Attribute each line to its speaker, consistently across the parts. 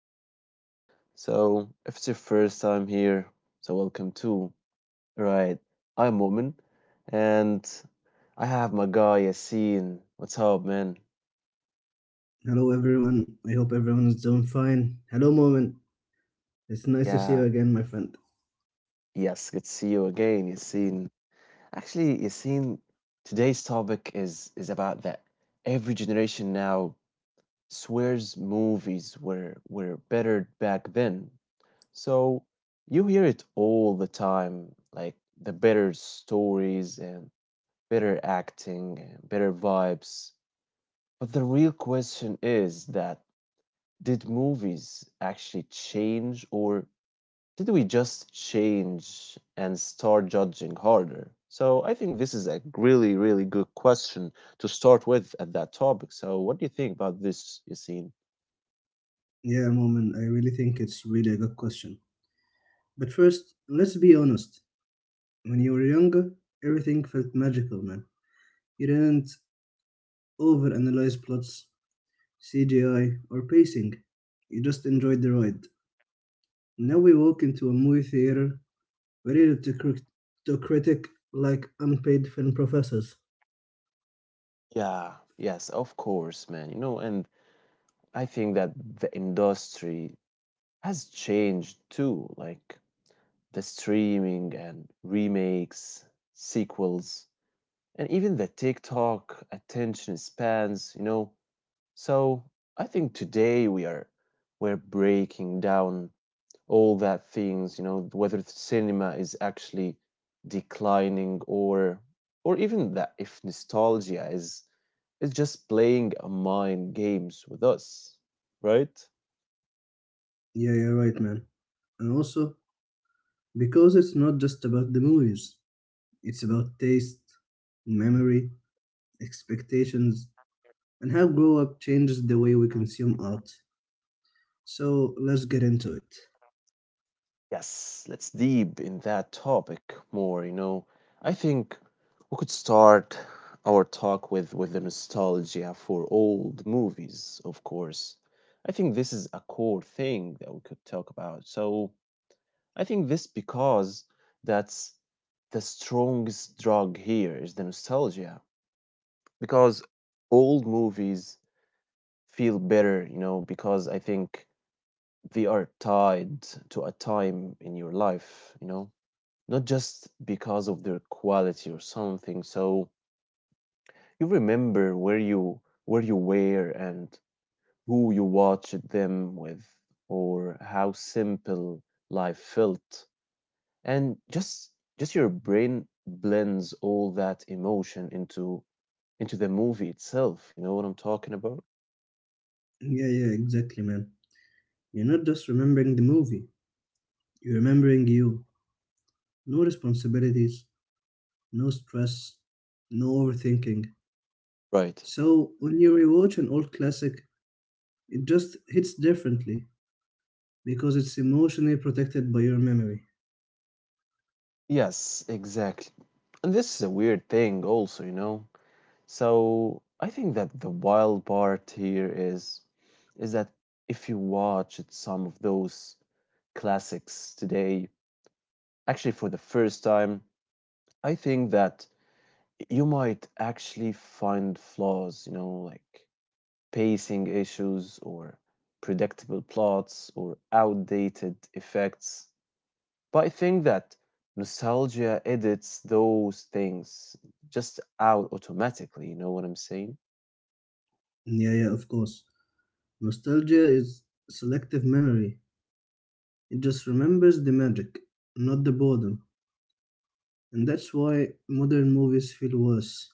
Speaker 1: again. If it's your first time here, welcome too. Right, I'm Woman, and I have my guy Yassine. What's up, man?
Speaker 2: Hello, everyone. I hope everyone is doing fine. Hello, Moment. It's nice to
Speaker 1: Yeah,
Speaker 2: see you again, my friend.
Speaker 1: yes, good to see you again, Yassine. Actually, Yassine, today's topic is about that every generation now swears movies were better back then. So you hear it all the time, like the better stories and better acting and better vibes. But the real question is that did movies actually change, or did we just change and start judging harder? So I think this is a really, really good question to start with at that topic. So what do you think about this, Yassine?
Speaker 2: Yeah, Moment, I really think it's really a good question. But first, let's be honest. When you were younger, everything felt magical, man. You didn't overanalyze plots, CGI, or pacing. You just enjoyed the ride. Now we walk into a movie theater ready to, to critic like unpaid film professors.
Speaker 1: Yeah, yes, of course, man. You know, and I think that the industry has changed too, like the streaming and remakes, sequels, and even the TikTok attention spans, you know. So I think today we're breaking down all that things, you know, whether the cinema is actually declining, or even that if nostalgia is just playing a mind games with us, right?
Speaker 2: Yeah, you're right, man. And also, because it's not just about the movies. It's about taste, memory, expectations, and how grow up changes the way we consume art. So let's get into it.
Speaker 1: Yes, let's deep in that topic more, you know. I think we could start our talk with the nostalgia for old movies, of course. I think this is a core thing that we could talk about. So, I think this because that's the strongest drug here is the nostalgia, because old movies feel better, you know, because I think they are tied to a time in your life, you know, not just because of their quality or something. So you remember where you were and who you watched them with, or how simple life felt. And just your brain blends all that emotion into the movie itself. You know what I'm talking about?
Speaker 2: Yeah, exactly, man. You're not just remembering the movie, you're remembering you. No responsibilities, no stress, no overthinking.
Speaker 1: Right.
Speaker 2: So when you rewatch an old classic, it just hits differently because it's emotionally protected by your memory.
Speaker 1: Yes, exactly. And this is a weird thing also, you know. So I think that the wild part here is that if you watch it- some of those classics today, actually for the first time, I think that you might actually find flaws, you know, like pacing issues, or predictable plots, or outdated effects. But I think that nostalgia edits those things just out automatically, you know what I'm saying?
Speaker 2: Yeah, of course. Nostalgia is selective memory. It just remembers the magic, not the boredom. And that's why modern movies feel worse.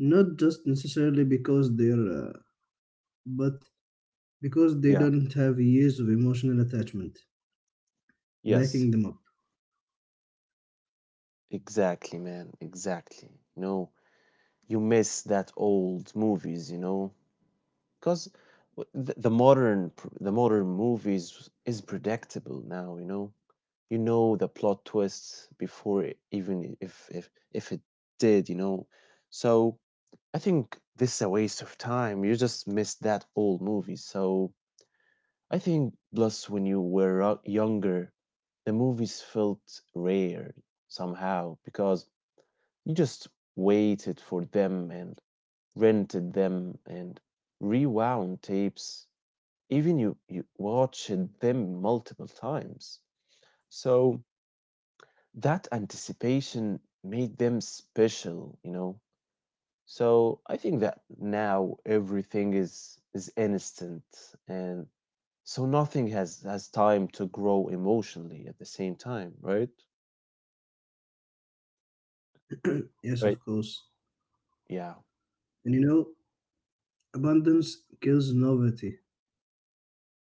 Speaker 2: Not just necessarily because but because they
Speaker 1: Yeah.
Speaker 2: don't have years of emotional attachment
Speaker 1: Yes.
Speaker 2: backing them up.
Speaker 1: Exactly, man. Exactly. You know, you miss that old movies, you know, because the modern movies is predictable now, you know. You know the plot twists before it, even if it did, you know. So I think this is a waste of time. You just miss that old movie. So I think plus when you were younger, the movies felt rare somehow, because you just waited for them, and rented them, and rewound tapes. Even you, you watched them multiple times. So that anticipation made them special, you know. So I think that now everything is instant, and so nothing has time to grow emotionally at the same time, right?
Speaker 2: Yes, of
Speaker 1: Right.
Speaker 2: course.
Speaker 1: Yeah.
Speaker 2: And you know, abundance kills novelty,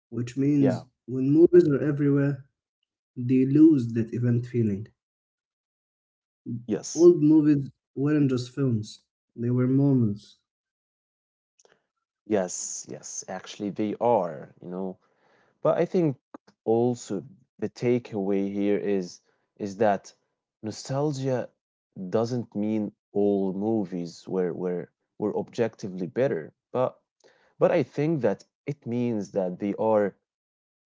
Speaker 2: which
Speaker 1: Yeah.
Speaker 2: means when movies are everywhere, they lose that event feeling.
Speaker 1: Yes.
Speaker 2: Old movies weren't just films, they were moments.
Speaker 1: Yes, yes, actually they are, you know. But I think also the takeaway here is that nostalgia doesn't mean all movies were objectively better, but I think that it means that they are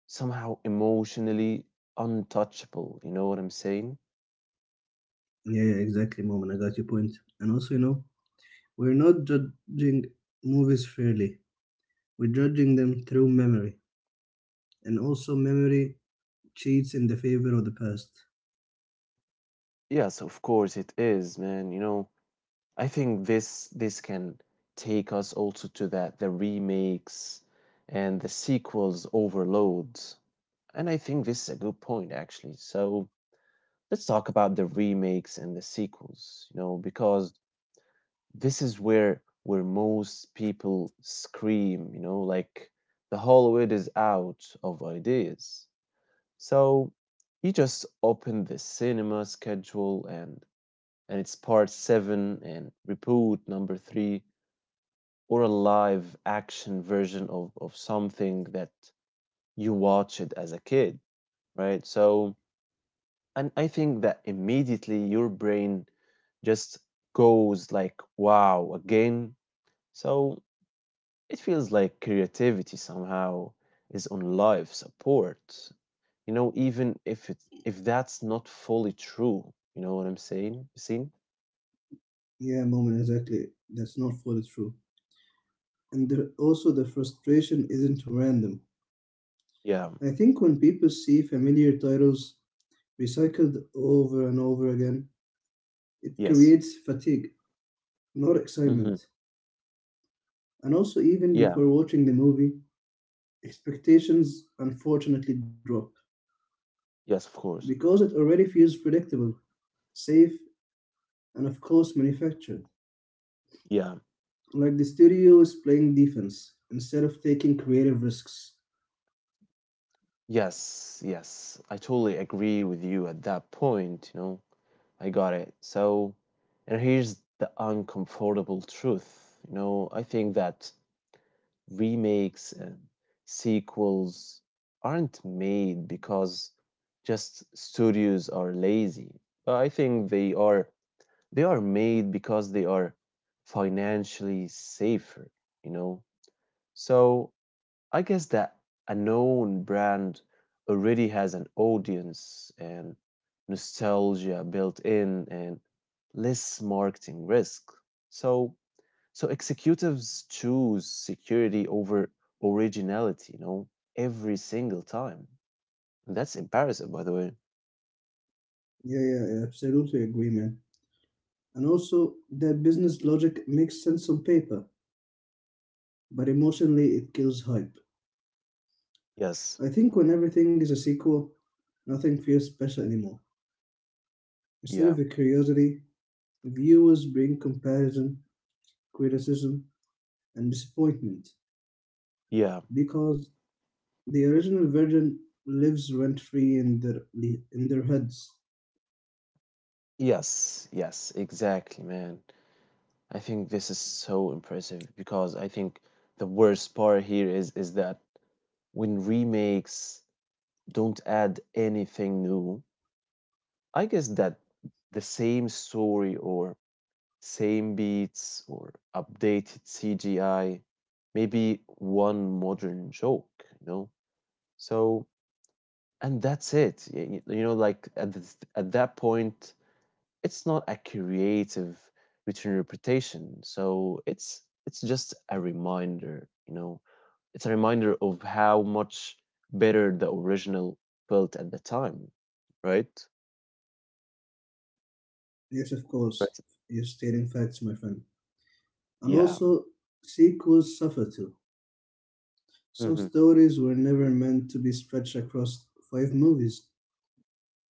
Speaker 1: somehow emotionally untouchable. You know what I'm saying?
Speaker 2: Yeah, exactly, moment. I got your point. And also, you know, we're not judging movies fairly, we're judging them through memory. And also, memory cheats in the favor of the past.
Speaker 1: Yes, of course it is, man. You know, I think this can take us also to that the remakes and the sequels overload. And I think this is a good point, actually. So let's talk about the remakes and the sequels, you know, because this is where most people scream, you know, like the Hollywood is out of ideas. So you just open the cinema schedule, and it's part seven and reboot number three, or a live action version of something that you watched as a kid, right? So and I think that immediately your brain just goes like, wow, again. So it feels like creativity somehow is on life support, you know, even if it if that's not fully true. You know what I'm saying? Seen?
Speaker 2: Yeah, moment, exactly. That's not fully true. And there, also, the frustration isn't random.
Speaker 1: Yeah.
Speaker 2: I think when people see familiar titles recycled over and over again, it
Speaker 1: Yes.
Speaker 2: creates fatigue, not
Speaker 1: Mm-hmm.
Speaker 2: excitement. And also, even
Speaker 1: Yeah.
Speaker 2: before watching the movie, expectations unfortunately drop
Speaker 1: Yes, of course.
Speaker 2: because it already feels predictable, safe, and of course manufactured.
Speaker 1: Yeah.
Speaker 2: Like the studio is playing defense instead of taking creative risks.
Speaker 1: Yes. Yes. I totally agree with you at that point, you know. I got it. So, and here's the uncomfortable truth. You know, I think that remakes and sequels aren't made because just studios are lazy. But I think they are made because they are financially safer, you know. So I guess that a known brand already has an audience, and nostalgia built in, and less marketing risk. So executives choose security over originality, you know, every single time. And that's impressive, by the way.
Speaker 2: Yeah, I absolutely agree, man. And also, that business logic makes sense on paper, but emotionally it kills hype.
Speaker 1: Yes.
Speaker 2: I think when everything is a sequel, nothing feels special anymore. Instead
Speaker 1: Yeah.
Speaker 2: of a curiosity, viewers bring comparison, criticism, and disappointment
Speaker 1: Yeah.
Speaker 2: because the original version lives rent free in their heads.
Speaker 1: Yes. Yes. Exactly, man. I think this is so impressive, because I think the worst part here is that when remakes don't add anything new. I guess that the same story, or same beats, or updated CGI, maybe one modern joke, you know? So, and that's it. You know, like at, at that point, it's not a creative written interpretation. So it's just a reminder, you know, it's a reminder of how much better the original felt at the time, right?
Speaker 2: Yes, of course,
Speaker 1: Right.
Speaker 2: you're stating facts, my friend. And
Speaker 1: Yeah.
Speaker 2: also, sequels suffer too. Some
Speaker 1: Hmm.
Speaker 2: stories were never meant to be stretched across five movies,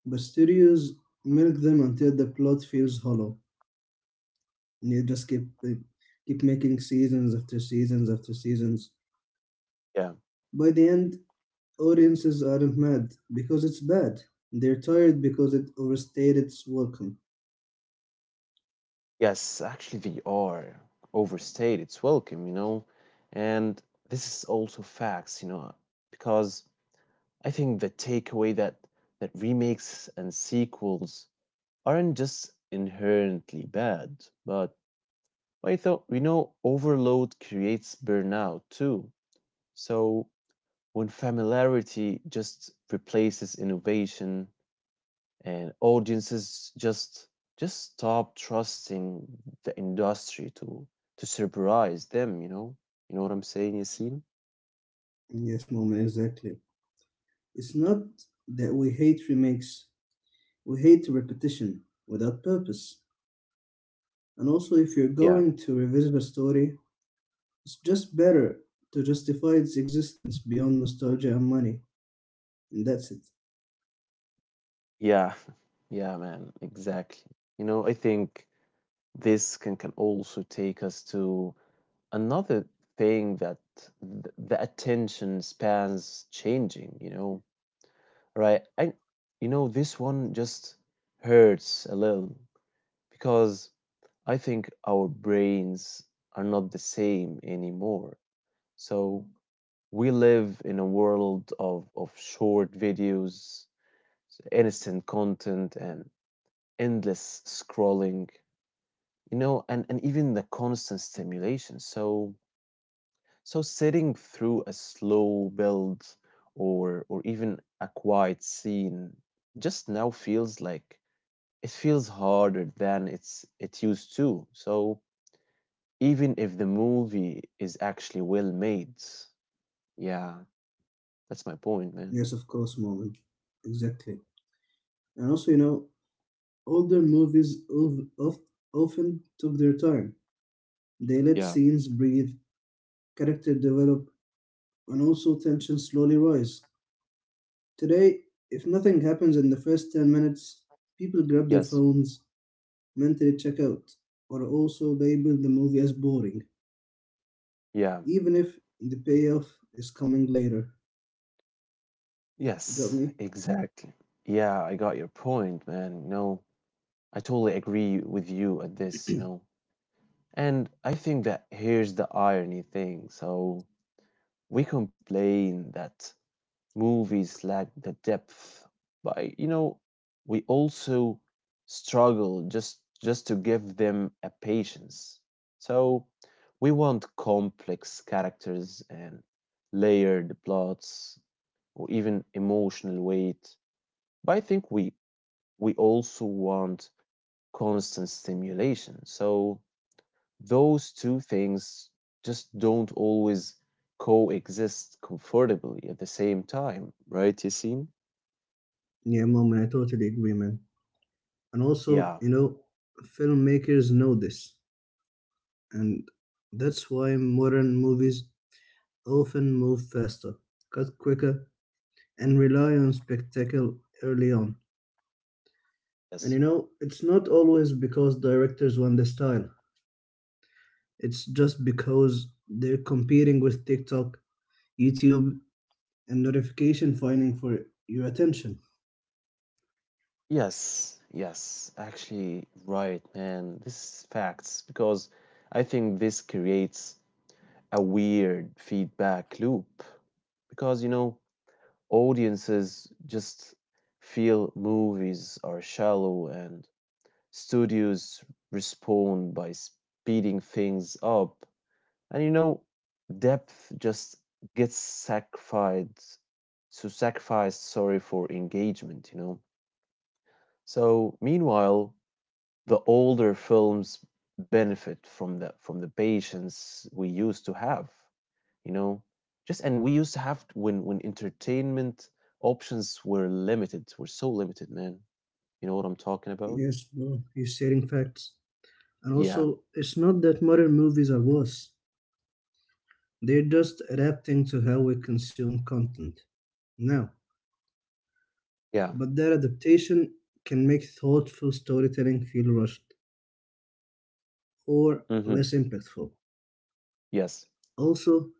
Speaker 2: but studios milk them until the plot feels hollow. And you just keep like, keep making seasons after seasons after seasons.
Speaker 1: Yeah.
Speaker 2: By the end, audiences aren't mad because it's bad. They're tired because it overstayed its welcome.
Speaker 1: Yes, actually, they are overstayed. It's welcome, you know, and this is also facts, you know, because I think the takeaway that remakes and sequels aren't just inherently bad, but I thought we know overload creates burnout too. So when familiarity just replaces innovation, and audiences just stop trusting the industry to surprise them, you know, you know what I'm saying, Yasin?
Speaker 2: Yes, moment, exactly. It's not that we hate remakes. We hate repetition without purpose. And also, if you're
Speaker 1: Yeah.
Speaker 2: going to revisit a story, it's just better to justify its existence beyond nostalgia and money. And that's it.
Speaker 1: Yeah. Yeah, man, exactly. You know, I think this can also take us to another thing, that the attention spans changing, you know, right? I, you know, this one just hurts a little because I think our brains are not the same anymore. So we live in a world of short videos, instant content, and endless scrolling, you know, and even the constant stimulation. So sitting through a slow build, or even a quiet scene, just now feels like it feels harder than it used to. So even if the movie is actually well made. Yeah, that's my point, man.
Speaker 2: Yes, of course, moment. Exactly. And also, you know, older movies often took their time. They let
Speaker 1: Yeah.
Speaker 2: scenes breathe, character develop, and also tension slowly rise. Today, if nothing happens in the first 10 minutes, people grab their
Speaker 1: Yes.
Speaker 2: phones, mentally check out, or also label the movie as boring,
Speaker 1: Yeah.
Speaker 2: even if the payoff is coming later. Got
Speaker 1: Yes.
Speaker 2: me?
Speaker 1: Exactly. Yeah, I got your point, man. No, I totally agree with you at this, you know. And I think that here's the irony thing. So we complain that movies lack the depth, but you know, we also struggle just to give them a patience. So we want complex characters, and layered plots, or even emotional weight. But I think we also want constant stimulation. So those two things just don't always coexist comfortably at the same time, right, Yasin?
Speaker 2: Yeah, mom, and I totally agree, man. And also,
Speaker 1: Yeah,
Speaker 2: you know, filmmakers know this, and that's why modern movies often move faster, cut quicker, and rely on spectacle early on. And you
Speaker 1: yes.
Speaker 2: know, it's not always because directors want the style, it's just because they're competing with TikTok, YouTube, and notification finding for your attention.
Speaker 1: Yes, yes. Actually, right, man. This is facts, because I think this creates a weird feedback loop because, you know, audiences just feel movies are shallow, and studios respond by speeding things up. And, you know, depth just gets sacrificed, so sacrificed, sorry, for engagement, you know. So meanwhile, the older films benefit from the patience we used to have, you know, just and we used to have when entertainment options were limited, were so limited, man. You know what I'm talking about?
Speaker 2: Yes, bro, you're stating facts. And
Speaker 1: Yeah,
Speaker 2: also, it's not that modern movies are worse, they're just adapting to how we consume content now.
Speaker 1: yeah.
Speaker 2: But that adaptation can make thoughtful storytelling feel rushed or
Speaker 1: Mm-hmm.
Speaker 2: less impactful.
Speaker 1: Yes,
Speaker 2: Also,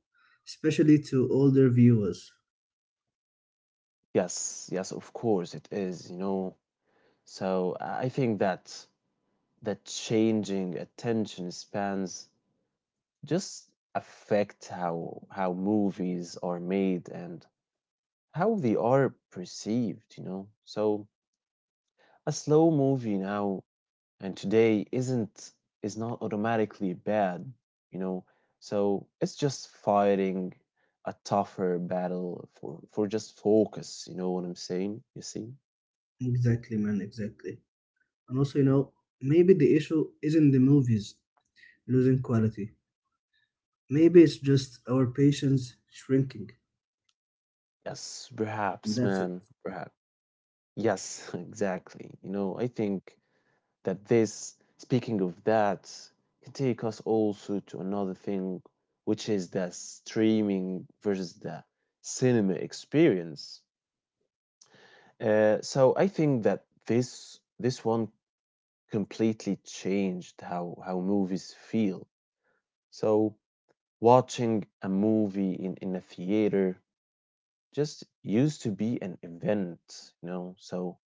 Speaker 2: especially to older viewers.
Speaker 1: yes, yes. Of course, it is. You know, so I think that that changing attention spans just affect how movies are made, and how they are perceived, you know. So a slow movie now and today isn't is not automatically bad, you know. So it's just fighting a tougher battle for just focus, you know what I'm saying? You see?
Speaker 2: Exactly, man, exactly. And also, you know, maybe the issue isn't the movies losing quality. Maybe it's just our patience shrinking.
Speaker 1: Yes,
Speaker 2: And
Speaker 1: perhaps,
Speaker 2: that's it.
Speaker 1: man, perhaps. Yes, exactly. You know, I think that this, speaking of that, can take us also to another thing, which is the streaming versus the cinema experience. So I think that this one completely changed how movies feel. So watching a movie in a theater just used to be an event, you know. So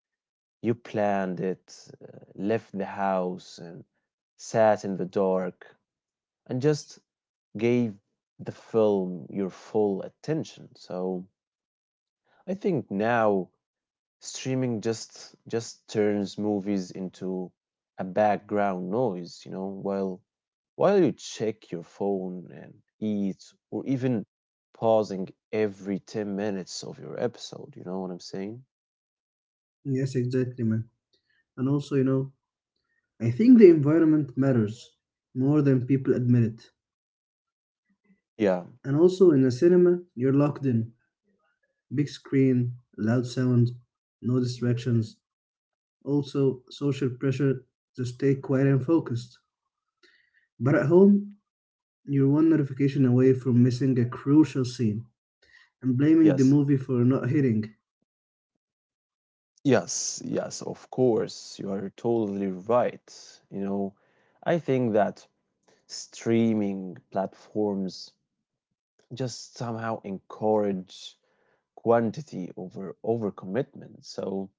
Speaker 1: you planned it, left the house, and sat in the dark, and just gave the film your full attention. So I think now streaming just turns movies into a background noise, you know, while you check your phone and eat, or even pausing every 10 minutes of your episode, you know what I'm saying?
Speaker 2: Yes, exactly, man. And also, you know, I think the environment matters more than people admit it.
Speaker 1: Yeah,
Speaker 2: And also, in a cinema, you're locked in. Big screen, loud sound, no distractions. Also social pressure to stay quiet and focused. But at home, you're one notification away from missing a crucial scene and blaming the
Speaker 1: yes.
Speaker 2: movie for not hitting.
Speaker 1: Yes, yes, of course. You are totally right. You know, I think that streaming platforms just somehow encourage quantity over overcommitment. So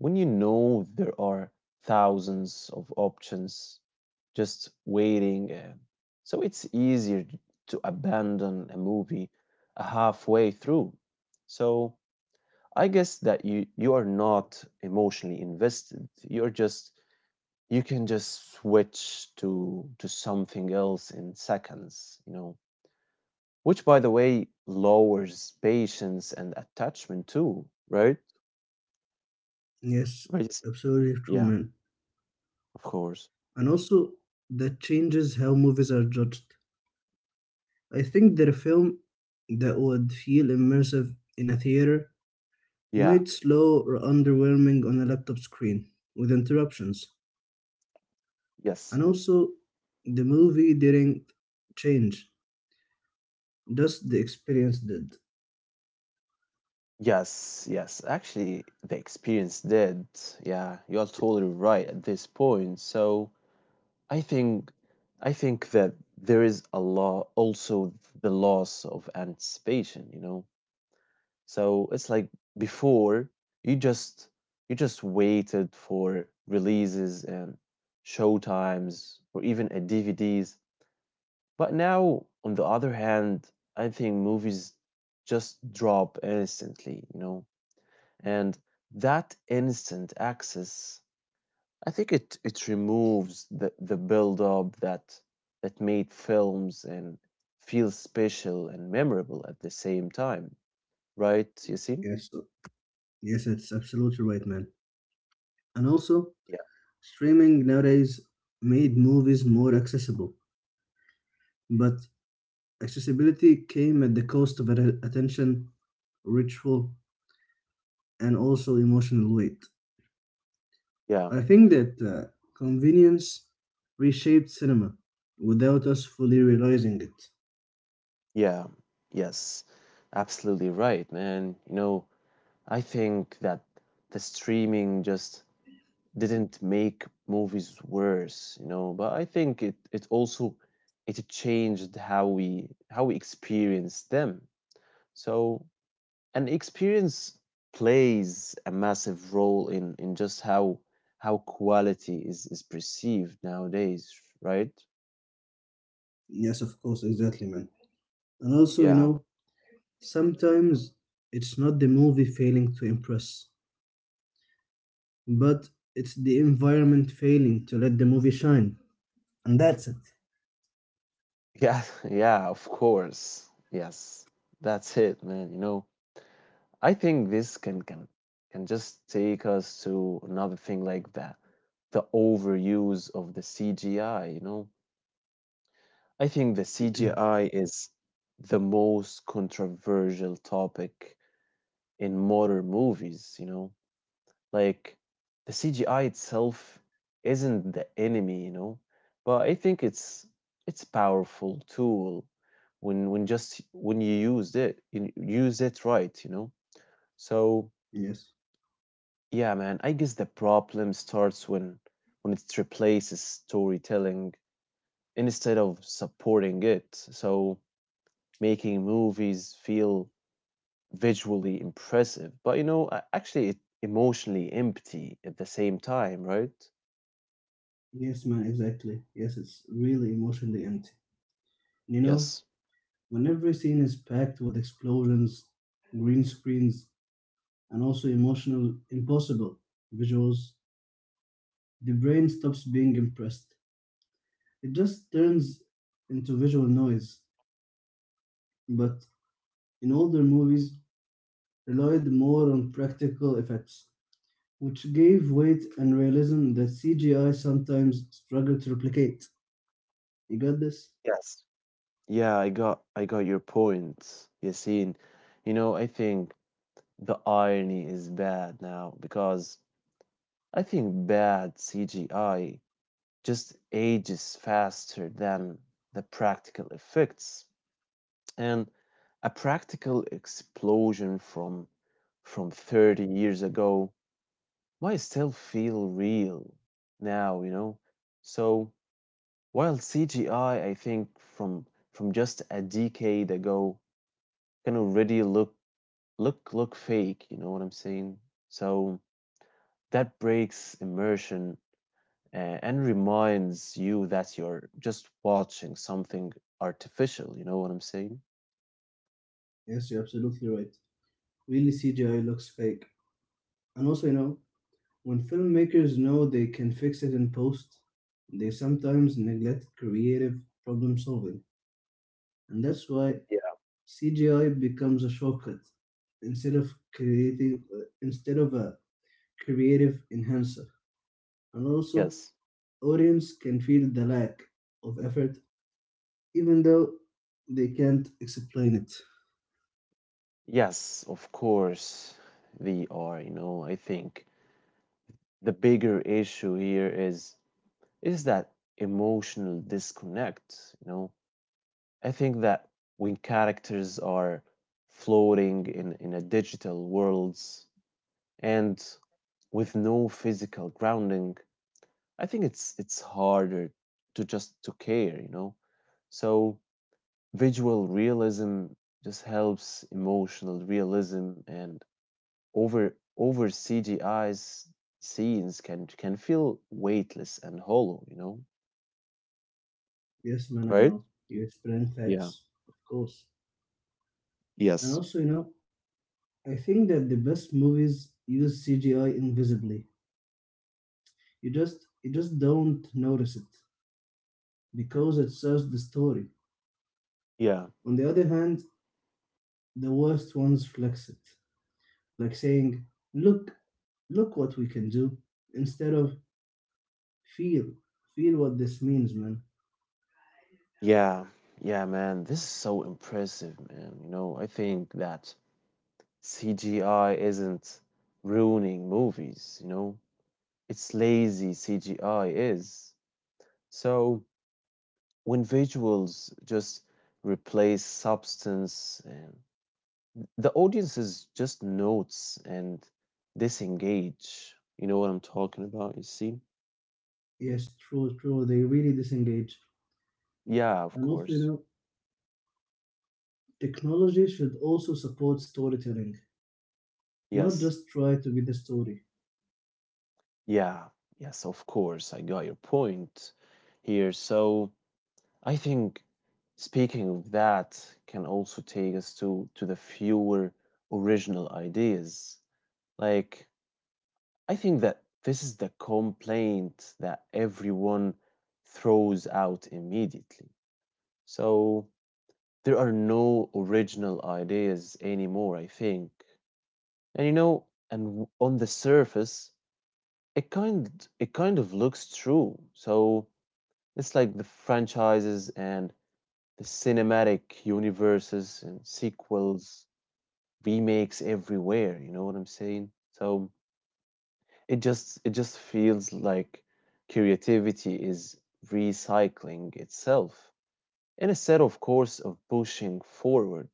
Speaker 1: when you know there are thousands of options just waiting, so it's easier to abandon a movie halfway through. So I guess that you are not emotionally invested. You're just you can just switch to something else in seconds, you know, which by the way lowers patience and attachment too, right?
Speaker 2: Yes,
Speaker 1: Right. Yes.
Speaker 2: absolutely true,
Speaker 1: yeah
Speaker 2: man.
Speaker 1: of course
Speaker 2: And also, that changes how movies are judged. I think that a film that would feel immersive in a theater
Speaker 1: yeah
Speaker 2: might slow or underwhelming on a laptop screen with interruptions.
Speaker 1: yes
Speaker 2: And also, the movie didn't change, just the experience did.
Speaker 1: yes Yes, actually the experience did. Yeah, you're totally right at this point. So i think I think that there is a lot also the loss of anticipation, you know. So it's like before you just you just waited for releases and showtimes or even a DVDs. But now, on the other hand, I think movies just drop instantly, you know. And that instant access, I think it removes the build up that that made films and feel special and memorable at the same time, right? You see?
Speaker 2: Yes, uh, yes, it's absolutely right, man. And also,
Speaker 1: Yeah.
Speaker 2: streaming nowadays made movies more accessible, but accessibility came at the cost of attention, ritual, and also emotional weight.
Speaker 1: Yeah.
Speaker 2: I think that convenience reshaped cinema without us fully realizing it.
Speaker 1: Yeah, yes, absolutely right, man. You know, I think that the streaming just didn't make movies worse, you know, but I think it also it changed how we experience them. So, an experience plays a massive role in just how quality is perceived nowadays, right?
Speaker 2: Yes, of course, exactly, man. And also, you
Speaker 1: Yeah,
Speaker 2: know, sometimes it's not the movie failing to impress, but it's the environment failing to let the movie shine. And that's it.
Speaker 1: Yeah, yeah, of course. Yes, that's it, man. You know, I think this can just take us to another thing like that, the overuse of the CGI, you know. I think the CGI is the most controversial topic in modern movies, you know. Like the CGI itself isn't the enemy, you know, but I think it's powerful tool when you use it right, you know. So
Speaker 2: Yes.
Speaker 1: yeah, man, I guess the problem starts when it replaces storytelling instead of supporting it. So making movies feel visually impressive, but you know, emotionally empty at the same time, right?
Speaker 2: Yes, man, exactly. Yes, it's really emotionally empty. You know,
Speaker 1: Yes.
Speaker 2: when every scene is packed with explosions, green screens, and also emotional, impossible visuals, the brain stops being impressed. It just turns into visual noise. But in older movies, relied more on practical effects, which gave weight and realism that CGI sometimes struggled to replicate. You got this?
Speaker 1: Yes. Yeah, I got your point, Yasin. You know, I think the irony is bad now because I think bad CGI just ages faster than the practical effects. And a practical explosion from 30 years ago might still feel real now, you know. So while CGI, I think from just a decade ago can already look fake, you know what I'm saying? So that breaks immersion, uh, and reminds you that you're just watching something artificial, you know what I'm saying?
Speaker 2: Yes, you're absolutely right. Really, CGI looks fake. And also, you know, when filmmakers know they can fix it in post, they sometimes neglect creative problem solving. And that's why
Speaker 1: yeah
Speaker 2: CGI becomes a shortcut instead of a creative enhancer. And also,
Speaker 1: yes
Speaker 2: audience can feel the lack of effort even though they can't explain it.
Speaker 1: yes of course. VR, you know, I think the bigger issue here is that emotional disconnect, you know. I think that when characters are floating in a digital worlds and with no physical grounding, I think it's harder to just to care, you know? So visual realism just helps emotional realism and over CGI's scenes can feel weightless and hollow, you know?
Speaker 2: Yes, man, I
Speaker 1: Right?
Speaker 2: know. You explain
Speaker 1: Yeah.
Speaker 2: facts, of course. And
Speaker 1: Yes.
Speaker 2: also, you know, I think that the best movies use CGI invisibly. You just don't notice it because it serves the story.
Speaker 1: Yeah.
Speaker 2: On the other hand, the worst ones flex it, like saying, "Look, look what we can do," instead of "Feel, feel what this means, man."
Speaker 1: Yeah, yeah, man. This is so impressive, man. You know, I think that CGI isn't ruining movies, you know, it's lazy CGI is. So when visuals just replace substance and the audiences just notes and disengage. You know what I'm talking about, you see?
Speaker 2: Yes, true, true. They really disengage.
Speaker 1: Yeah, of
Speaker 2: And also, you
Speaker 1: course.
Speaker 2: know, technology should also support storytelling, not
Speaker 1: Yes.
Speaker 2: just try to be the story.
Speaker 1: Yeah. Yes, of course. I got your point here. So I think speaking of that can also take us to the fewer original ideas. Like I think that this is the complaint that everyone throws out immediately. So there are no original ideas anymore, I think. And you know, and on the surface, it kind it kind of looks true. So it's like the franchises and the cinematic universes and sequels, remakes everywhere, you know what I'm saying? So it just feels like creativity is recycling itself and instead of course of pushing forward,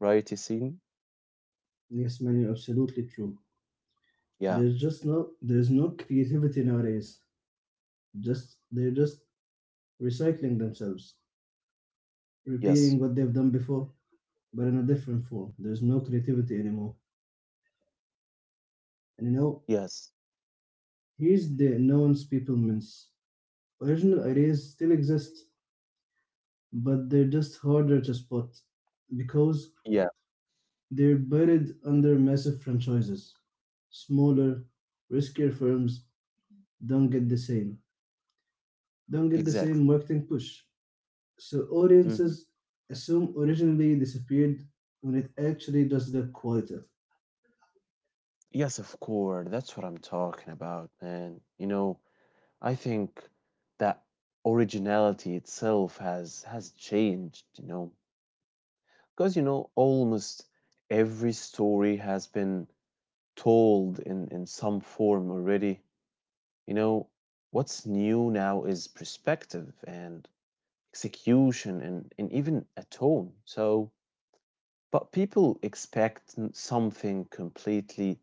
Speaker 1: right, Yassine?
Speaker 2: Yes, man, you're absolutely true.
Speaker 1: Yeah,
Speaker 2: There's no creativity nowadays. Just they're just recycling themselves,
Speaker 1: yes,
Speaker 2: repeating what they've done before, but in a different form. There's no creativity anymore. And you know,
Speaker 1: yes,
Speaker 2: here's the nuance people miss. Original ideas still exist, but they're just harder to spot because
Speaker 1: yeah,
Speaker 2: they're buried under massive franchises. Smaller, riskier firms don't get the same. Don't get the
Speaker 1: exactly.
Speaker 2: same marketing push. So
Speaker 1: hmm
Speaker 2: audiences assume originally disappeared when it actually just got quieter.
Speaker 1: Yes, of course, that's what I'm talking about, man. You know, I think that originality itself has changed, you know. Because, you know, almost every story has been told in some form already. You know, what's new now is perspective and execution and even a tone. So, but people expect something completely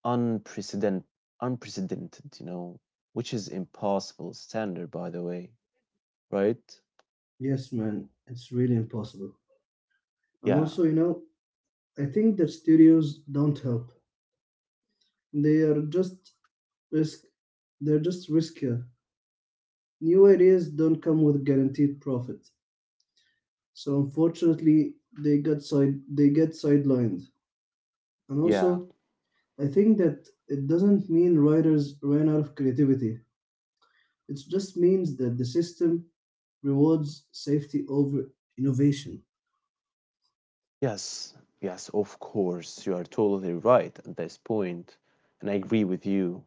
Speaker 1: unprecedented, unprecedented, you know, which is impossible standard, by the way, right?
Speaker 2: Yes, man, it's really impossible. And
Speaker 1: Yeah,
Speaker 2: also, you know, I think that studios don't help. They are just risk. They're just riskier. New ideas don't come with guaranteed profit. So unfortunately, they get sidelined. And
Speaker 1: yeah.
Speaker 2: also, I think that it doesn't mean writers ran out of creativity. It just means that the system rewards safety over innovation.
Speaker 1: Yes, yes, of course. You are totally right at this point, and I agree with you.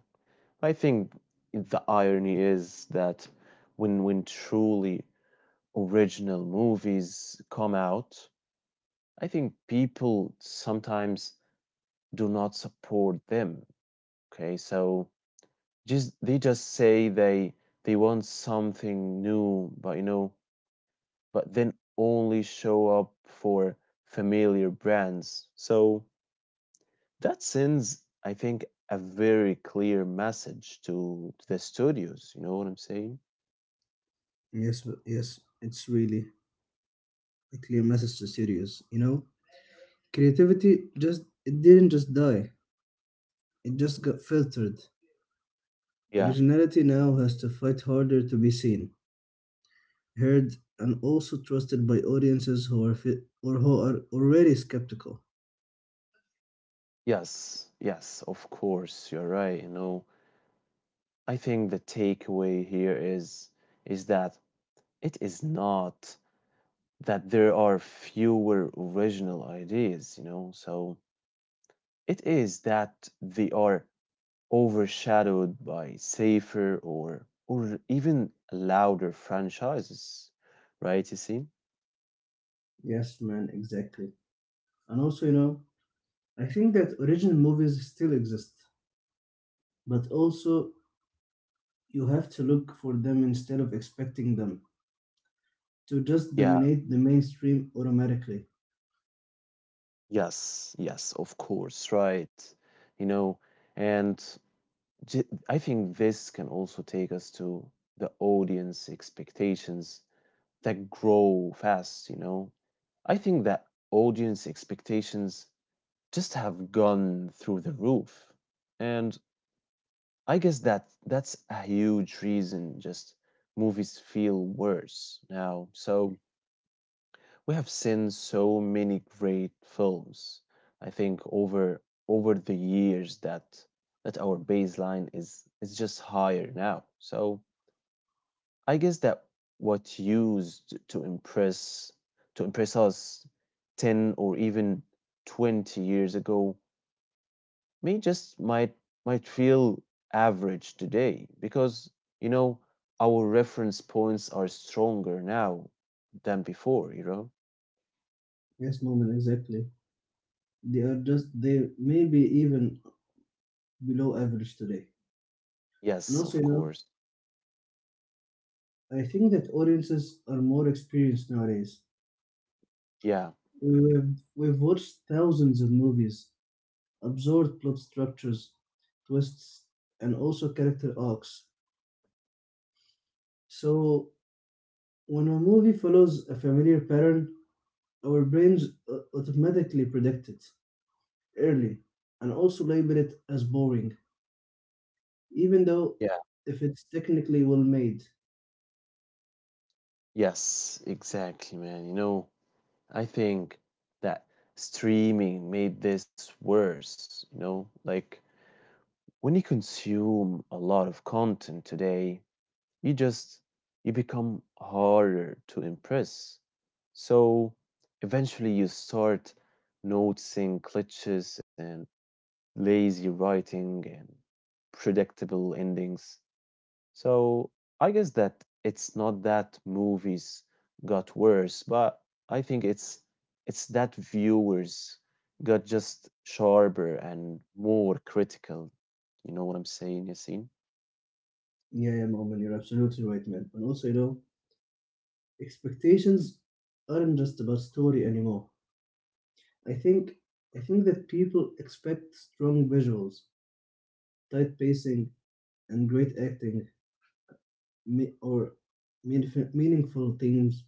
Speaker 1: I think the irony is that when truly original movies come out, I think people sometimes do not support them. Okay, so just they just say they want something new, but you know, but then only show up for familiar brands. So that sends, I think, a very clear message to the studios. You know what I'm saying?
Speaker 2: Yes, it's really a clear message to studios. You know, creativity just it didn't just die; it just got filtered.
Speaker 1: Yeah.
Speaker 2: Originality now has to fight harder to be seen, heard, and also trusted by audiences who are fi- or who are already skeptical.
Speaker 1: Yes. Yes. Of course, you're right. You know, I think the takeaway here is that it is not that there are fewer original ideas. You know, so it is that they are overshadowed by safer or even louder franchises, right, You see?
Speaker 2: Yes, man, exactly. And also, you know, I think that original movies still exist, but also you have to look for them instead of expecting them to just
Speaker 1: Yeah,
Speaker 2: dominate the mainstream automatically.
Speaker 1: yes, yes, of course, right. You know, and I think this can also take us to the audience expectations that grow fast, you know. I think that audience expectations just have gone through the roof. And I guess that that's a huge reason just movies feel worse now. So we have seen so many great films, I think over the years that that our baseline is just higher now. So I guess that what used to impress us 10 or even 20 years ago me just might feel average today because you know our reference points are stronger now than before, you know.
Speaker 2: Yes, moment, exactly. They are just, they may be even below average today. And
Speaker 1: Yes
Speaker 2: also,
Speaker 1: of
Speaker 2: you
Speaker 1: course
Speaker 2: know, I think that audiences are more experienced nowadays.
Speaker 1: yeah
Speaker 2: We've watched thousands of movies, absorbed plot structures, twists, and also character arcs. So when a movie follows a familiar pattern, our brains automatically predict it early and also label it as boring, even though
Speaker 1: yeah
Speaker 2: if it's technically well made.
Speaker 1: Yes, exactly, man. You know, I think that streaming made this worse, you know, like when you consume a lot of content today, you just you become harder to impress. So eventually you start noticing glitches and lazy writing and predictable endings. So I guess that it's not that movies got worse, but I think it's that viewers got just sharper and more critical. You know what I'm saying, Yasin?
Speaker 2: Yeah, Moment, you're absolutely right, man. And also, you know, expectations aren't just about story anymore. I think I think that people expect strong visuals, tight pacing, and great acting, me- or meaningful themes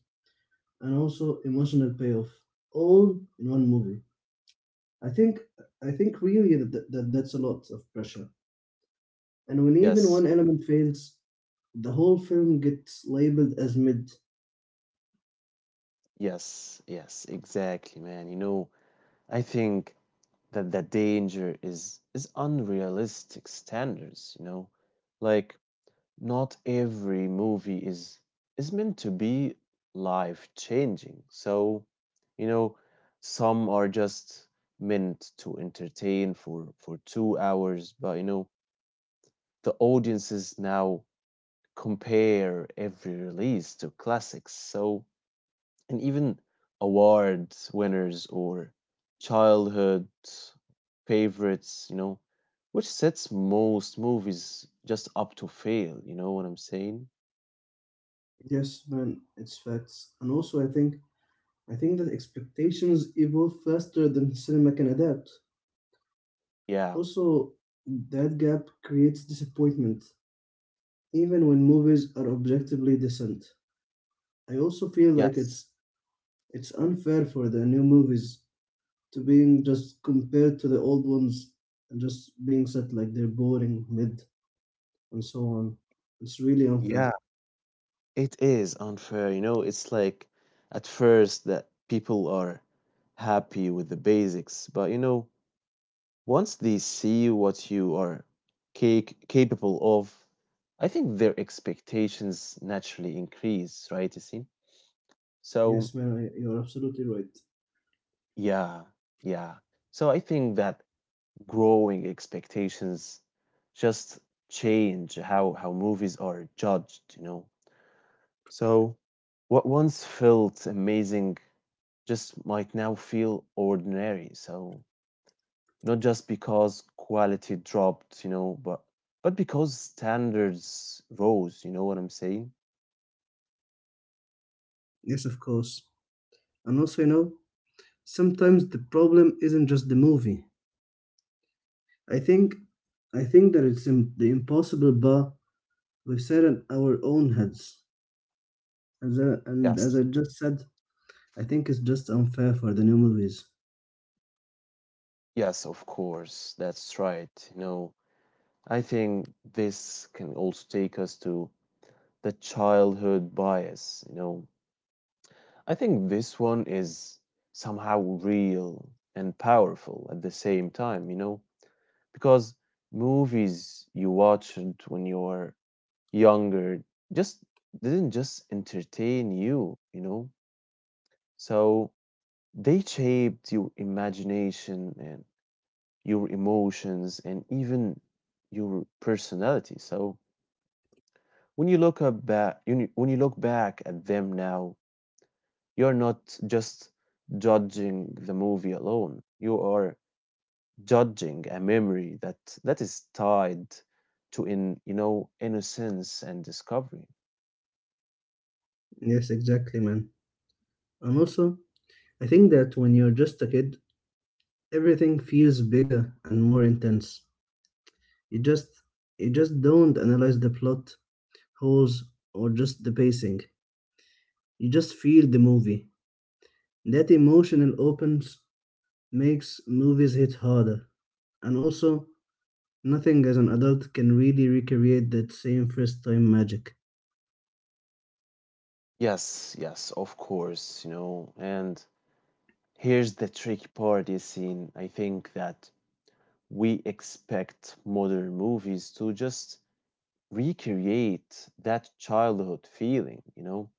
Speaker 2: and also emotional payoff all in one movie. I think I think really that's a lot of pressure. And when even one
Speaker 1: Yes.
Speaker 2: element fails, the whole film gets labeled as mid.
Speaker 1: Yes, yes, exactly, man. You know, I think that the danger is unrealistic standards, you know. Like not every movie is meant to be life-changing. So, you know, some are just meant to entertain for 2 hours, but you know, the audiences now compare every release to classics. So, and even awards winners or childhood favorites, you know, which sets most movies just up to fail, you know what I'm saying?
Speaker 2: Yes, man, it's facts. And also, I think that expectations evolve faster than cinema can adapt.
Speaker 1: Yeah.
Speaker 2: Also, that gap creates disappointment, even when movies are objectively decent. I also feel like
Speaker 1: Yes.
Speaker 2: it's unfair for the new movies to being just compared to the old ones and just being said like they're boring, mid, and so on. It's really
Speaker 1: Yeah.
Speaker 2: unfair.
Speaker 1: It is unfair, you know, it's like at first that people are happy with the basics, but you know, once they see what you are capable of, I think their expectations naturally increase, right, Yasin? So,
Speaker 2: Yes, man, you're absolutely right.
Speaker 1: yeah, yeah. So I think that growing expectations just change how movies are judged, you know. So what once felt amazing just might now feel ordinary. So not just because quality dropped, you know, but because standards rose, you know what I'm saying?
Speaker 2: Yes, of course. And also, you know, sometimes the problem isn't just the movie. I think I think that the impossible bar we set in our own heads. As I, and as
Speaker 1: Yes.
Speaker 2: I just said, I think it's just unfair for the new movies.
Speaker 1: Yes, of course. That's right. You know, I think this can also take us to the childhood bias, you know. I think this one is somehow real and powerful at the same time, you know, because movies you watched when you were younger just didn't just entertain you, you know? So they shaped your imagination and your emotions and even your personality. So when you when you look back at them now, you're not just judging the movie alone. You are judging a memory that is tied to in you know innocence and discovery.
Speaker 2: Yes, exactly, man. And also, I think that when you're just a kid, everything feels bigger and more intense. You just you just don't analyze the plot holes or just the pacing. You just feel the movie. That emotional opens makes movies hit harder. And also, nothing as an adult can really recreate that same first time magic.
Speaker 1: Yes, yes, of course, you know. And here's the tricky part, Yassine. I think that we expect modern movies to just recreate that childhood feeling, you know,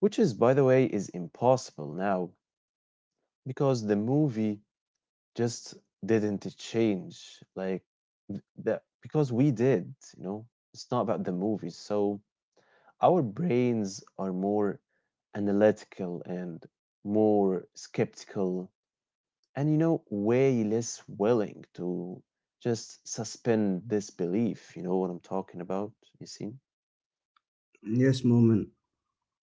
Speaker 1: which is, by the way, is impossible now because the movie just didn't change. Like because we did, you know. It's not about the movies. So our brains are more analytical and more skeptical, and you know, way less willing to just suspend this belief. You know what I'm talking about, you see?
Speaker 2: Yes, moment.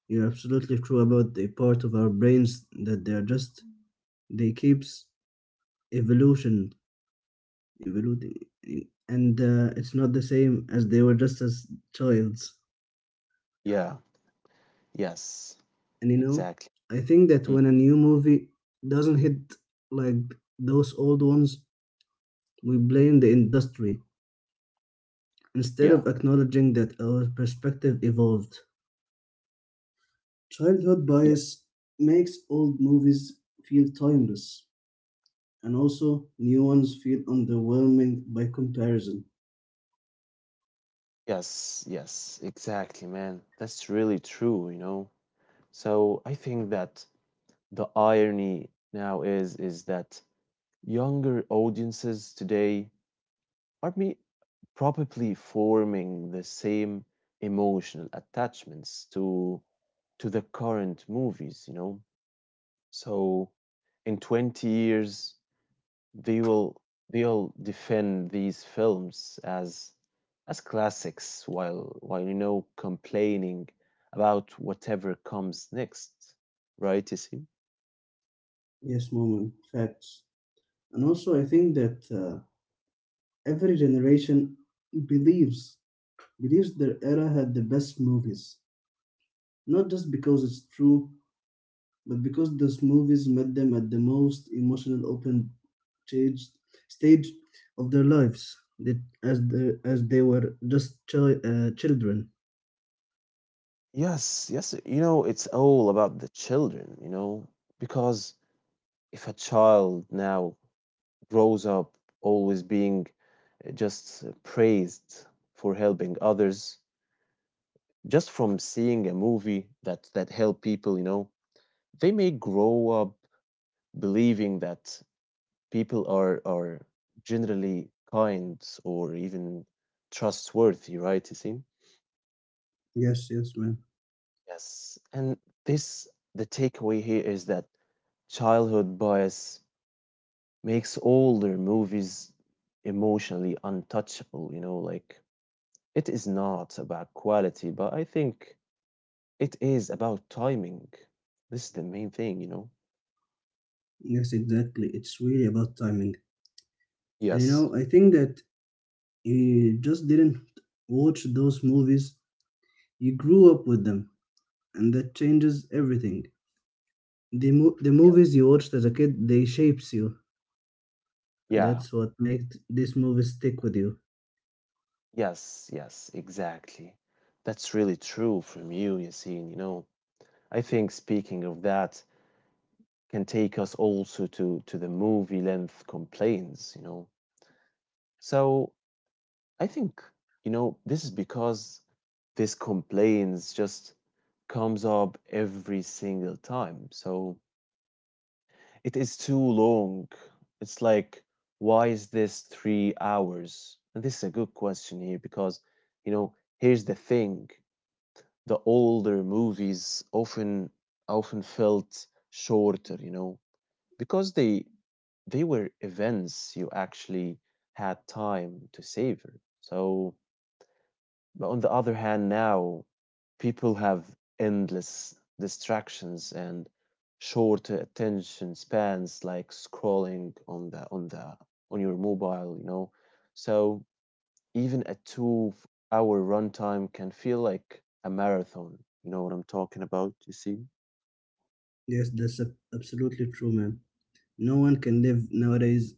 Speaker 2: You're absolutely true about the part of our brains that they keeps evolution evolving, and it's not the same as they were just as childs.
Speaker 1: Yeah, yes,
Speaker 2: And you know,
Speaker 1: exactly.
Speaker 2: I think that
Speaker 1: Mm,
Speaker 2: when a new movie doesn't hit like those old ones, we blame the industry instead
Speaker 1: Yeah,
Speaker 2: of acknowledging that our perspective evolved. Childhood
Speaker 1: yes,
Speaker 2: bias makes old movies feel timeless and also new ones feel underwhelming by comparison.
Speaker 1: yes, exactly, man. That's really true, you know. So I think that the irony now is that younger audiences today are we probably forming the same emotional attachments to the current movies, you know? So in 20 years they will they'll defend these films as classics while you know complaining about whatever comes next, right, Isim?
Speaker 2: Yes, moment, facts. And also, I think that every generation believes believes their era had the best movies, not just because it's true, but because those movies met them at the most emotional open stage stage of their lives that as they were just children.
Speaker 1: Yes, yes, you know, it's all about the children, you know, because if a child now grows up always being just praised for helping others just from seeing a movie that that help people, you know, they may grow up believing that people are generally kind or even trustworthy, right, you see?
Speaker 2: Yes, yes, man.
Speaker 1: Yes and this the takeaway here is that childhood bias makes older movies emotionally untouchable, you know, like it is not about quality, but I think it is about timing. This is the main thing, you know?
Speaker 2: Yes, exactly. It's really about timing. And you
Speaker 1: Yes.
Speaker 2: know, I think that you just didn't watch those movies, you grew up with them, and that changes everything. The
Speaker 1: Yes.
Speaker 2: movies you watched as a kid, they shapes you, and
Speaker 1: Yeah.
Speaker 2: that's what makes this movie stick with you.
Speaker 1: Yes. Yes. Exactly. That's really true from you, Yassine. You know, I think speaking of that can take us also to the movie length complaints, you know. So I think, you know, this is because this complaints just comes up every single time. So it is too long. It's like, why is this 3 hours? And this is a good question here because, you know, here's the thing. The older movies often felt shorter, you know, because they were events you actually had time to savor. So but on the other hand, now people have endless distractions and short attention spans, like scrolling on the on the on your mobile, you know. So even a 2-hour runtime can feel like a marathon. You know what I'm talking about? You see?
Speaker 2: Yes, that's absolutely true, man. No one can live nowadays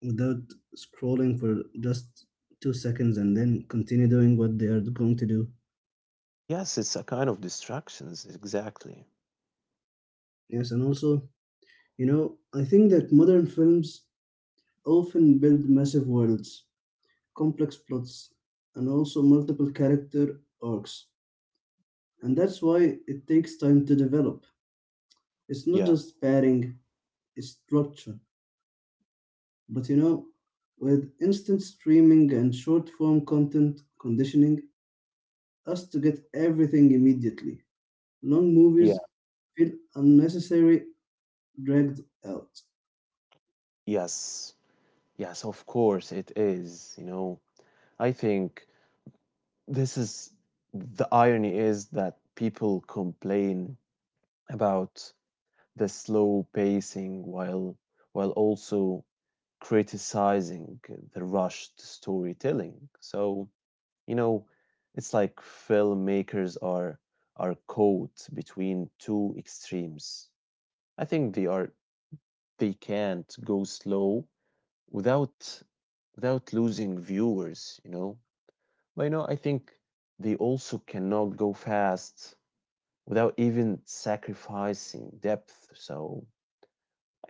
Speaker 2: without scrolling for just 2 seconds and then continue doing what they are going to do.
Speaker 1: Yes, it's a kind of distractions. Exactly.
Speaker 2: Yes, and also, you know, I think that modern films often build massive worlds, complex plots, and also multiple character arcs. And that's why it takes time to develop. It's not
Speaker 1: Yeah.
Speaker 2: just padding, it's structure. But you know, with instant streaming and short form content conditioning us to get everything immediately, long
Speaker 1: Yeah.
Speaker 2: movies feel unnecessary, dragged out.
Speaker 1: Yes. Yes, of course, it is. You know, I think This is the irony is that people complain about the slow pacing while also criticizing the rushed storytelling. So, you know, it's like filmmakers are caught between two extremes. I think they can't go slow without without losing viewers, you know. But you know, I think they also cannot go fast without even sacrificing depth. So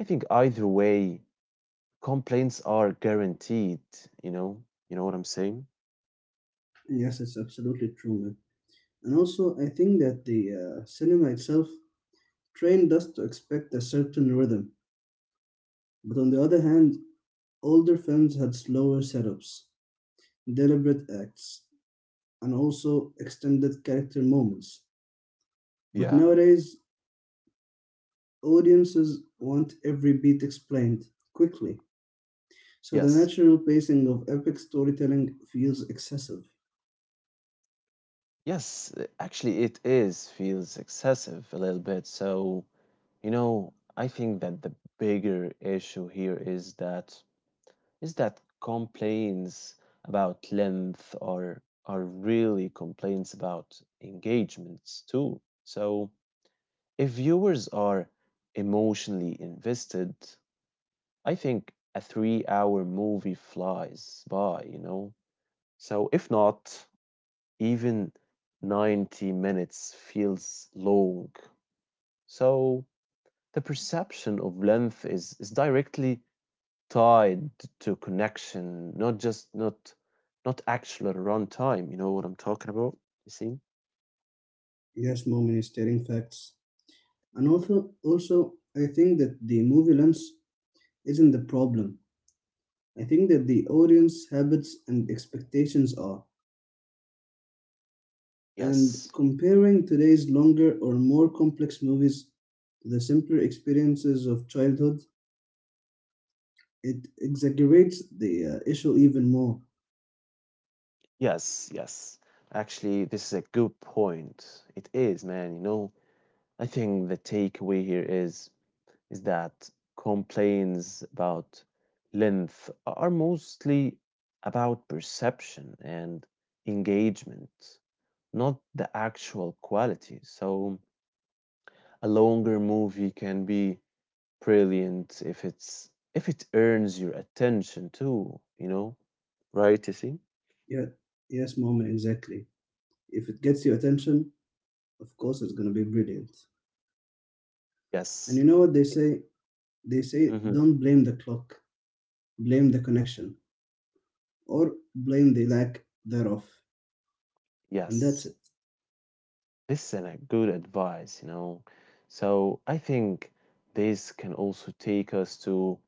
Speaker 1: I think either way, complaints are guaranteed, you know? You know what I'm saying?
Speaker 2: Yes, it's absolutely true, man. And also, I think that the cinema itself trained us to expect a certain rhythm. But on the other hand, older films had slower setups, deliberate acts, and also extended character moments. But
Speaker 1: Yeah.
Speaker 2: nowadays, audiences want every beat explained quickly, so the
Speaker 1: Yes.
Speaker 2: natural pacing of epic storytelling feels excessive.
Speaker 1: Yes, actually it is feels excessive a little bit. So, you know, I think that the bigger issue here is that complaints about length are really complaints about engagements too. So, if viewers are emotionally invested, I think a 3 hour movie flies by, you know? So, if not, even 90 minutes feels long. So, the perception of length is directly tied to connection, not just not not actual runtime. You know what I'm talking about? You see?
Speaker 2: Yes, moment, is stating facts. And also I think that the movie lens isn't the problem. I think that the audience habits and expectations are. And
Speaker 1: Yes.
Speaker 2: comparing today's longer or more complex movies to the simpler experiences of childhood, it exaggerates the issue even more.
Speaker 1: Yes, yes. Actually, this is a good point. It is, man, you know. I think the takeaway here is that complaints about length are mostly about perception and engagement, not the actual quality. So a longer movie can be brilliant if it earns your attention too, you know, right, you see?
Speaker 2: Yeah, yes, moment, exactly. If it gets your attention, of course it's going to be brilliant. And you
Speaker 1: Yes.
Speaker 2: know what they say,
Speaker 1: Mm-hmm.
Speaker 2: don't blame the clock, blame the connection, or blame the lack thereof, and that's
Speaker 1: Yes,
Speaker 2: it.
Speaker 1: this is a good advice, you know. So I think this can also take us to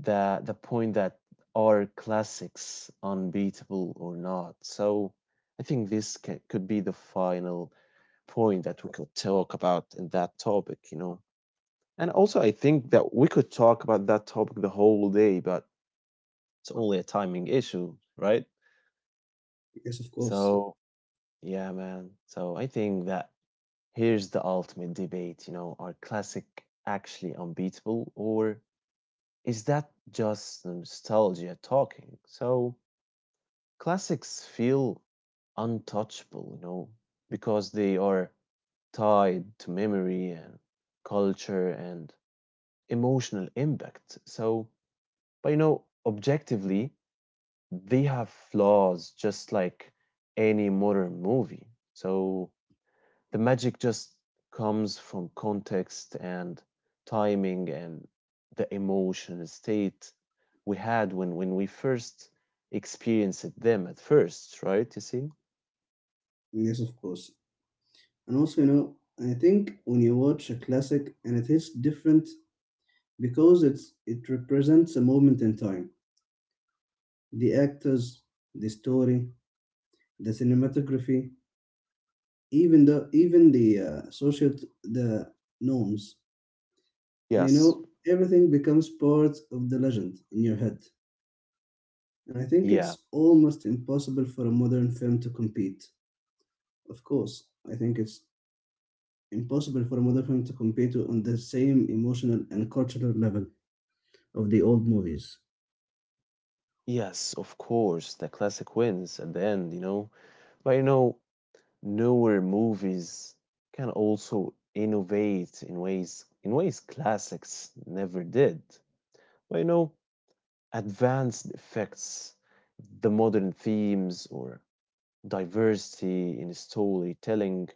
Speaker 1: the point that are classics unbeatable or not. So I think this ca could be the final point that we could talk about in that topic, you know. And also, I think that we could talk about that topic the whole day, but it's only a timing issue, right?
Speaker 2: Yes, of course.
Speaker 1: So yeah, man. So I think that here's the ultimate debate, you know, are classic actually unbeatable or is that just nostalgia talking? So, classics feel untouchable, you know, because they are tied to memory and culture and emotional impact. So, but you know, objectively, they have flaws just like any modern movie. So, the magic just comes from context and timing and the emotion state we had when we first experienced them at first, right? You see?
Speaker 2: Yes, of course. And also, you know, I think when you watch a classic, and it is different because it represents a moment in time. The actors, the story, the cinematography, even the social the norms, and you know,
Speaker 1: Yes.
Speaker 2: everything becomes part of the legend in your head. And I think
Speaker 1: Yeah.
Speaker 2: it's almost impossible for a modern film to compete. Of course, I think it's impossible for a modern film to compare to on the same emotional and cultural level of the old movies.
Speaker 1: Yes, of course. The classic wins at the end, you know. But you know, newer movies can also innovate in ways classics never did. But you know, advanced effects, the modern themes or diversity in storytelling.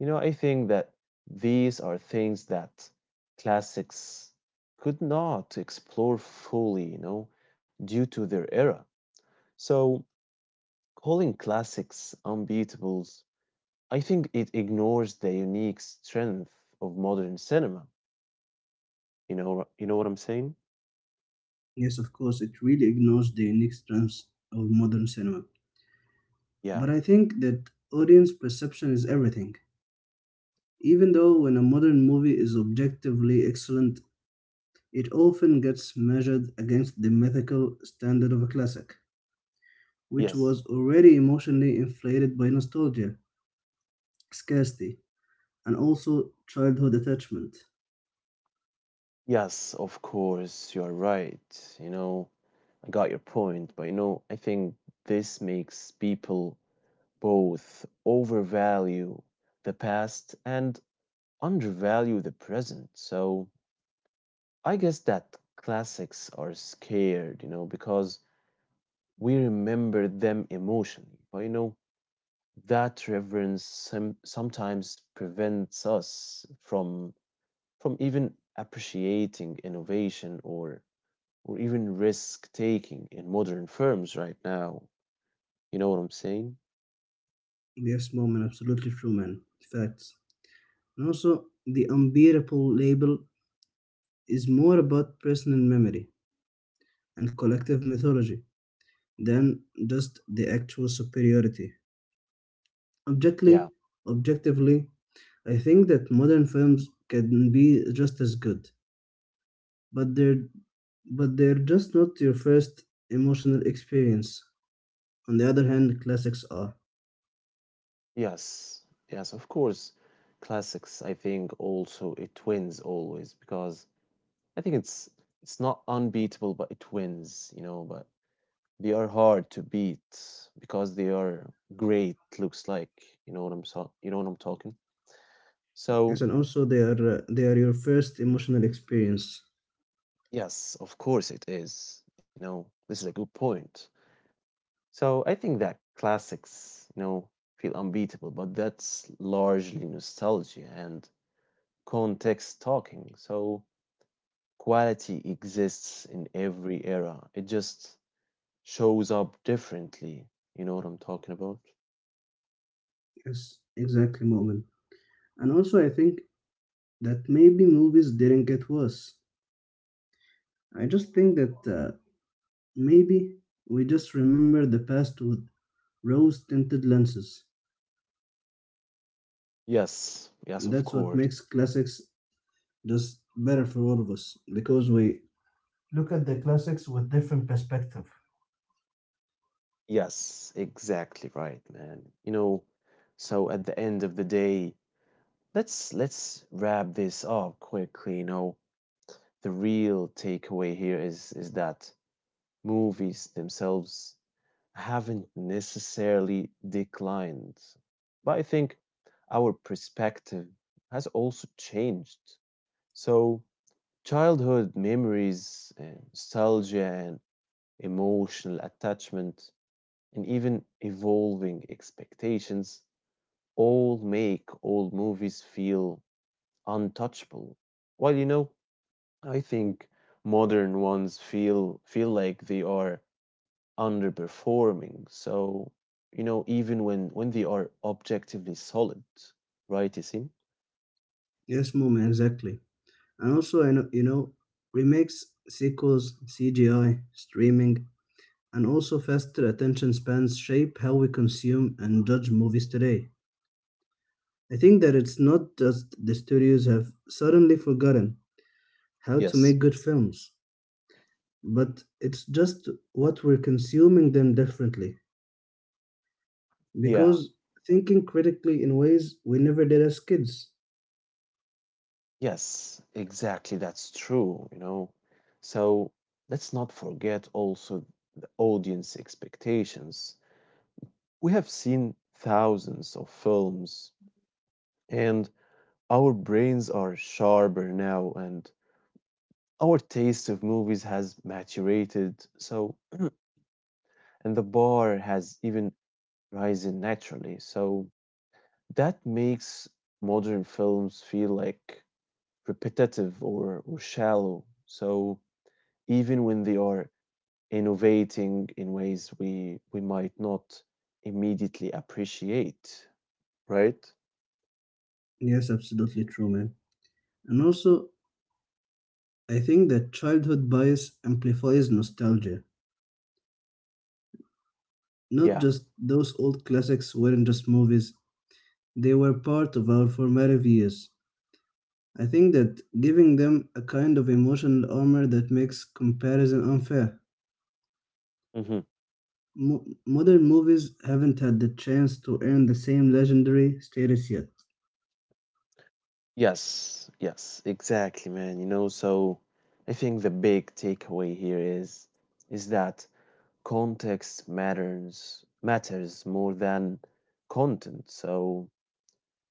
Speaker 1: You know, I think that these are things that classics could not explore fully, you know, due to their era. So, calling classics unbeatables, I think it ignores the unique strength of modern cinema. You know what I'm saying?
Speaker 2: Yes, of course, it really ignores the unique strengths of modern cinema.
Speaker 1: Yeah.
Speaker 2: But I think that audience perception is everything. Even though when a modern movie is objectively excellent, it often gets measured against the mythical standard of a classic, which
Speaker 1: Yes,
Speaker 2: was already emotionally inflated by nostalgia, scarcity, and also childhood attachment.
Speaker 1: yes, of course, you're right. You know, I got your point, but you know, I think this makes people both overvalue the past and undervalue the present. So I guess that classics are scared, you know, because we remember them emotionally. But you know, that reverence sometimes prevents us from even appreciating innovation or even risk taking in modern firms right now. You know what I'm saying?
Speaker 2: Yes, moment, absolutely true, man. Facts. And also, the unbearable label is more about personal memory and collective mythology than just the actual superiority.
Speaker 1: Yeah,
Speaker 2: Objectively, objectively, I think that modern films can be just as good, but they're just not your first emotional experience. On the other hand, classics are.
Speaker 1: yes, yes, of course. Classics, I think also it wins always because I think it's not unbeatable, but it wins, you know, but they are hard to beat because they are great, looks like, you know what I'm talking? So
Speaker 2: Yes, and also they are your first emotional experience.
Speaker 1: yes, of course it is, you know, this is a good point. So I think that classics, you know, feel unbeatable, but that's largely nostalgia and context talking. So quality exists in every era. It just shows up differently. You know what I'm talking about?
Speaker 2: Yes, exactly, Moment. And also, I think that maybe movies didn't get worse. I just think that maybe we just remember the past with rose tinted lenses,
Speaker 1: Yes, yes,
Speaker 2: and
Speaker 1: of
Speaker 2: that's what
Speaker 1: course.
Speaker 2: makes classics just better for all of us because we look at the classics with different perspective.
Speaker 1: Yes, exactly right, man. You know, so at the end of the day, let's wrap this up quickly, you know. The real takeaway here is that movies themselves haven't necessarily declined, but I think our perspective has also changed. So, childhood memories, nostalgia, and emotional attachment, and even evolving expectations all make old movies feel untouchable. While you know, I think modern ones feel like they are underperforming. So, you know, even when they are objectively solid, right, Isim?
Speaker 2: Yes, Mom, exactly. And also, I know, you know, remakes, sequels, CGI, streaming, and also faster attention spans shape how we consume and judge movies today. I think that it's not just the studios have suddenly forgotten how to
Speaker 1: Yes.
Speaker 2: make good films, but it's just what we're consuming them differently
Speaker 1: Yeah,
Speaker 2: because thinking critically in ways we never did as kids.
Speaker 1: yes, exactly. That's true, you know. So let's not forget also the audience expectations. We have seen thousands of films, and our brains are sharper now, and our taste of movies has maturated. So, and the bar has even risen naturally. So, that makes modern films feel like repetitive or shallow. So even when they are innovating in ways we might not immediately appreciate, right?
Speaker 2: Yes, absolutely true, man. And also, I think that childhood bias amplifies nostalgia. Not
Speaker 1: Yeah.
Speaker 2: just those old classics weren't just movies, they were part of our formative years. I think that giving them a kind of emotional armor that makes comparison unfair.
Speaker 1: Hmm.
Speaker 2: Modern movies haven't had the chance to earn the same legendary status yet.
Speaker 1: Yes, yes, exactly, man. You know, so I think the big takeaway here is that context matters more than content. So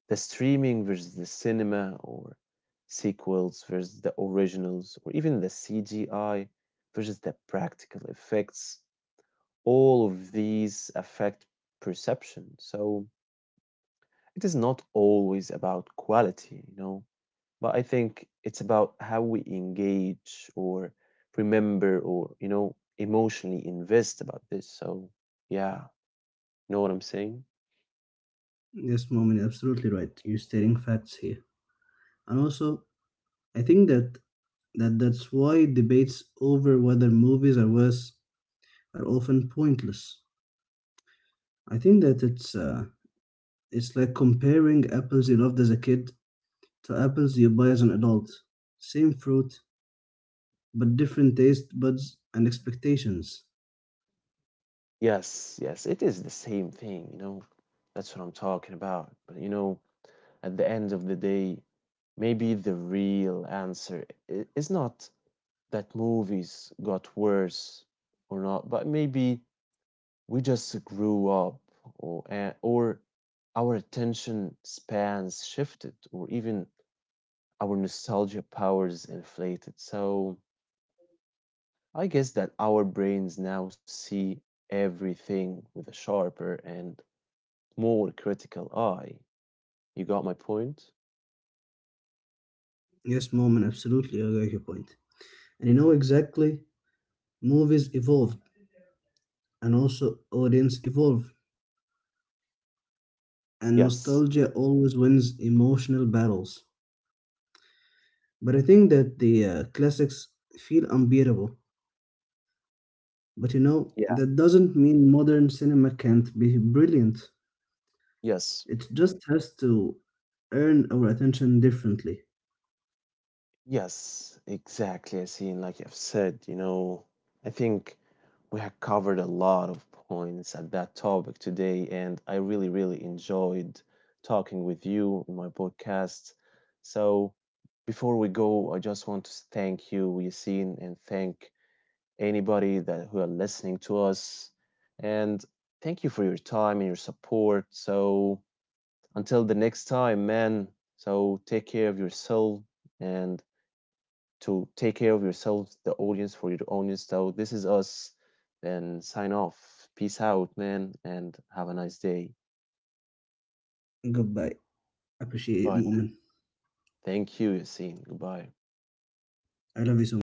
Speaker 1: the streaming versus the cinema or sequels versus the originals or even the CGI versus the practical effects, all of these affect perception. So it is not always about quality, you know, but I think it's about how we engage or remember or, you know, emotionally invest about this. So yeah, know what I'm saying?
Speaker 2: Yes, Mom, you're absolutely right. You're stating facts here. And also, I think that that's why debates over whether movies are worse are often pointless. I think that it's like comparing apples you loved as a kid to apples you buy as an adult. Same fruit, but different taste buds and expectations.
Speaker 1: Yes, yes, it is the same thing, you know. That's what I'm talking about. But you know, at the end of the day, maybe the real answer is not that movies got worse or not, but maybe we just grew up or our attention spans shifted or even our nostalgia powers inflated. So I guess that our brains now see everything with a sharper and more critical eye. You got my point?
Speaker 2: Yes, mom, and absolutely I get your point. And you know exactly, movies evolved and also audience evolved, and
Speaker 1: Yes.
Speaker 2: nostalgia always wins emotional battles. But I think that the classics feel unbeatable. But you know,
Speaker 1: Yeah.
Speaker 2: that doesn't mean modern cinema can't be brilliant.
Speaker 1: Yes.
Speaker 2: It just has to earn our attention differently.
Speaker 1: Yes, exactly. I see. Like I've said, you know, I think we have covered a lot of points at that topic today, and I really, really enjoyed talking with you in my podcast. So before we go, I just want to thank you, Yasin, and thank anybody that who are listening to us. And thank you for your time and your support. So until the next time, man. So take care of yourself and to take care of yourselves, the audience, for your audience. So this is us. Then sign off. Peace out, man, and have a nice day.
Speaker 2: Goodbye. Appreciate it,
Speaker 1: Bye.
Speaker 2: Mu'min.
Speaker 1: Thank you, Yassine. Goodbye.
Speaker 2: I love you so